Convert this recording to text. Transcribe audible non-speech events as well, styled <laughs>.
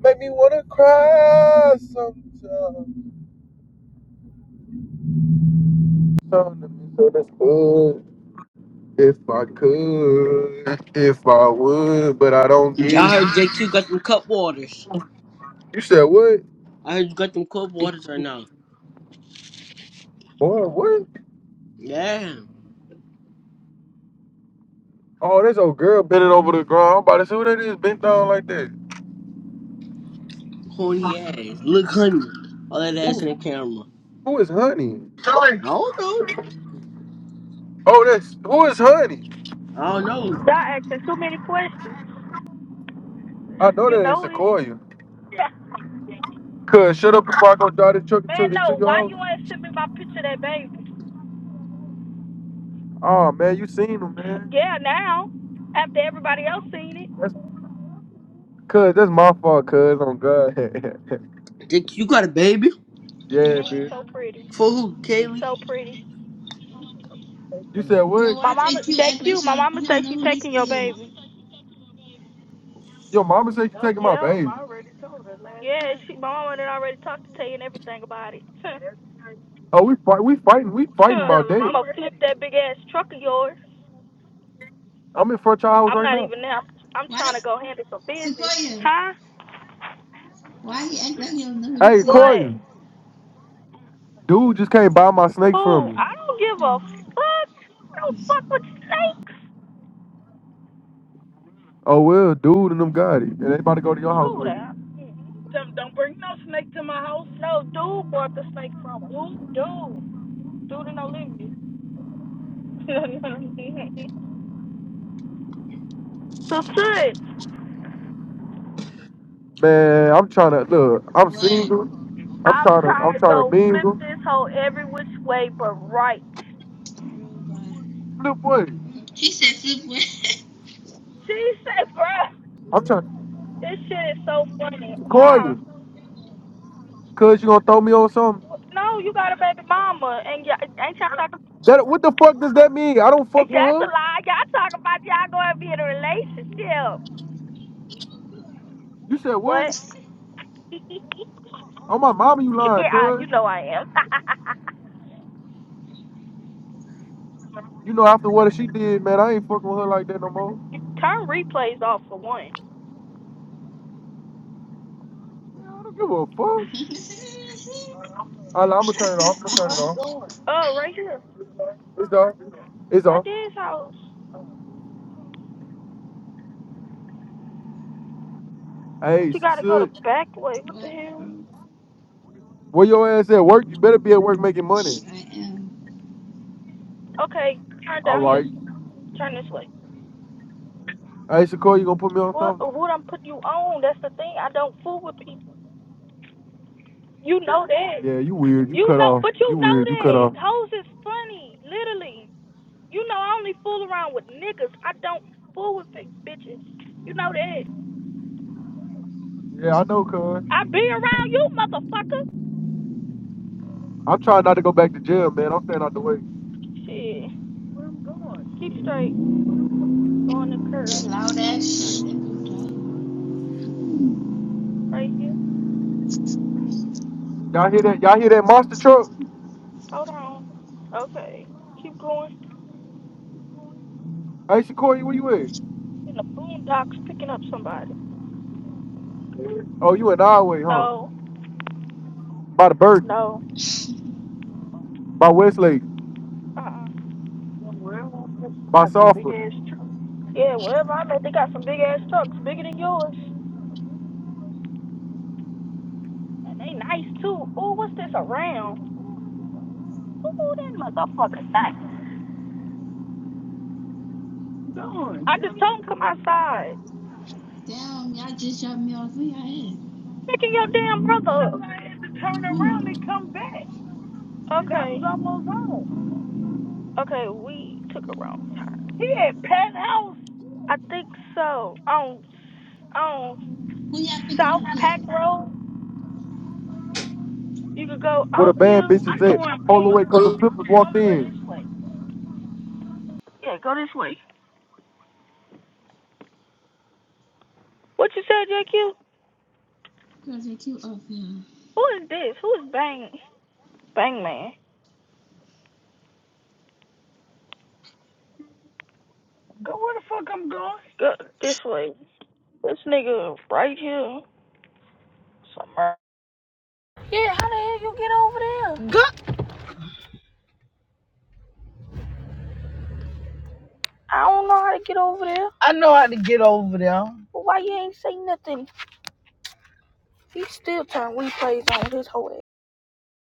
Make me wanna cry sometimes. Trying to be so If I could, if I would, but I don't I get it. heard JQ got them cup waters. You said what? I heard you got them cup waters right now. What? What? Yeah, Oh, this old girl bending over the ground. I'm about to see who that is bent down like that. horny ass. Look, honey, all that ass in the camera. Who is Honey? I don't know. Oh, that's who is Honey? I don't know. Y'all asking too many questions. I know You that ain't know it. Sequoia. Yeah. Cuz shut up before I go drive the truck <laughs> into, Man, into no. your Why house. you ain't send me my picture of that baby? Oh man, you seen him, <laughs> man. Yeah, now. After everybody else seen it. That's cuz that's my fault, cuz on God. <laughs> JQ got a baby yeah, And he's Girl, man. so pretty. for who? He's Kaylee. so pretty. You My said girl, what? why mama, JQ act like JQ, she my don't, mama he don't say know she who this taking your is? baby. Yo, mama said you Yep. taking my Yep. baby. I already told her last Yeah, she, my mama done already talked to Tay and everything about it. <laughs> Tell Oh, we fight, we fighting, we fighting about him I'm that. going to flip that big ass truck of yours. I'm in front of your house I'm right not now. even there. I'm Why the trying to go handle some business. Sequoia? Huh? Why he act like he don't know who this Hey, is? What? Koya, dude just can't buy my snake from Fool, me. I don't give a Oh, fuck. I don't fuck with snakes. Oh well, dude and them got it, and they about to go to your house True with it. that. Don't, don't bring no snake to my house. No, dude bought the snake from her. Who? Dude. Dude in Olivia. <laughs> so, sis, Man, I'm trying to look. I'm what? single. I'm I'm trying to, trying I'm to trying to go flip mingle. this whole every which way but right. Girl, bye. Flip boy, She said Flipwood. She said, bruh, I'm trying this shit is so funny. to call Huh? you, cause you gonna throw me on something. No, you got a baby mama, and y'all, ain't y'all talking? That what the fuck does that mean? I don't fuck with That's a her. lie. Y'all talking about y'all going to be in a relationship. You said what? What? <laughs> Oh my mama, you <laughs> lying, yeah, cuz. you know I am. <laughs> You know after what she did, man, I ain't fucking with her like that no more. Turn replays off for one. Man, I don't give a fuck. <laughs> I'll, I'm gonna turn it off. I'm gonna turn Where it I'm off. going? Oh, right here. It's off. It's My off. dad's house. But Hey, you gotta go the Sasud, back way. What the what, hell? bro? where your ass at work? You better be at work making money. I am. Okay, turn All down here. right. Turn this way. Hey, Shakur, you gonna put me on What? something? What I'm putting you on? That's the thing. I don't fool with people. You know that. Yeah, you weird. You You cut know, off. but you You know weird. You cut off. that. Hoes is funny, literally. You know, I only fool around with niggas. I don't fool with fake bitches. You know that. Yeah, I know, cuz. I be around you, motherfucker. I'm trying not to go back to jail, man. I'm staying out the way. Shit. Where I'm going? Keep straight. Go on the That curve. loud ass shit. That was loud. Right here. Y'all hear that? Y'all hear that monster truck? Hold on. Okay. Keep going. Hey, Shakur, where you at? In the boondocks picking up somebody. Oh, you in our way, huh? No. By the bird, No. by Westlake, Uh-uh. Somewhere. by Got some big Sulphur, ass trucks. Yeah, wherever I'm at, they got some big ass trucks, bigger than yours. And they nice too. Ooh, what's this around? Ooh, that motherfucker's nice. I'm going. I just told him come outside. <laughs> Damn, y'all just dropped me off. Where y'all at? Picking your damn brother up. I had to turn around Who? and come back. That Okay. was almost home. Okay, we took a wrong time. He at pet house. I think so. On on Who y'all picking South up, here? Pack Road, you could go where the out bad here. bitches I know at. where I'm going. Holloway, cause the flippers walked Somewhere in. this way. Yeah, go this way. What you said, JQ? Girl, JQ off, y'all. Who is this? Who is Bang Bang Man? Go where the fuck I'm going. Go this way. This nigga right here. Somewhere. Yeah, how the hell you get over there? Go I don't know how to get over there. I know how to get over there. But why you ain't say nothing? He still turn replays on his whole ass.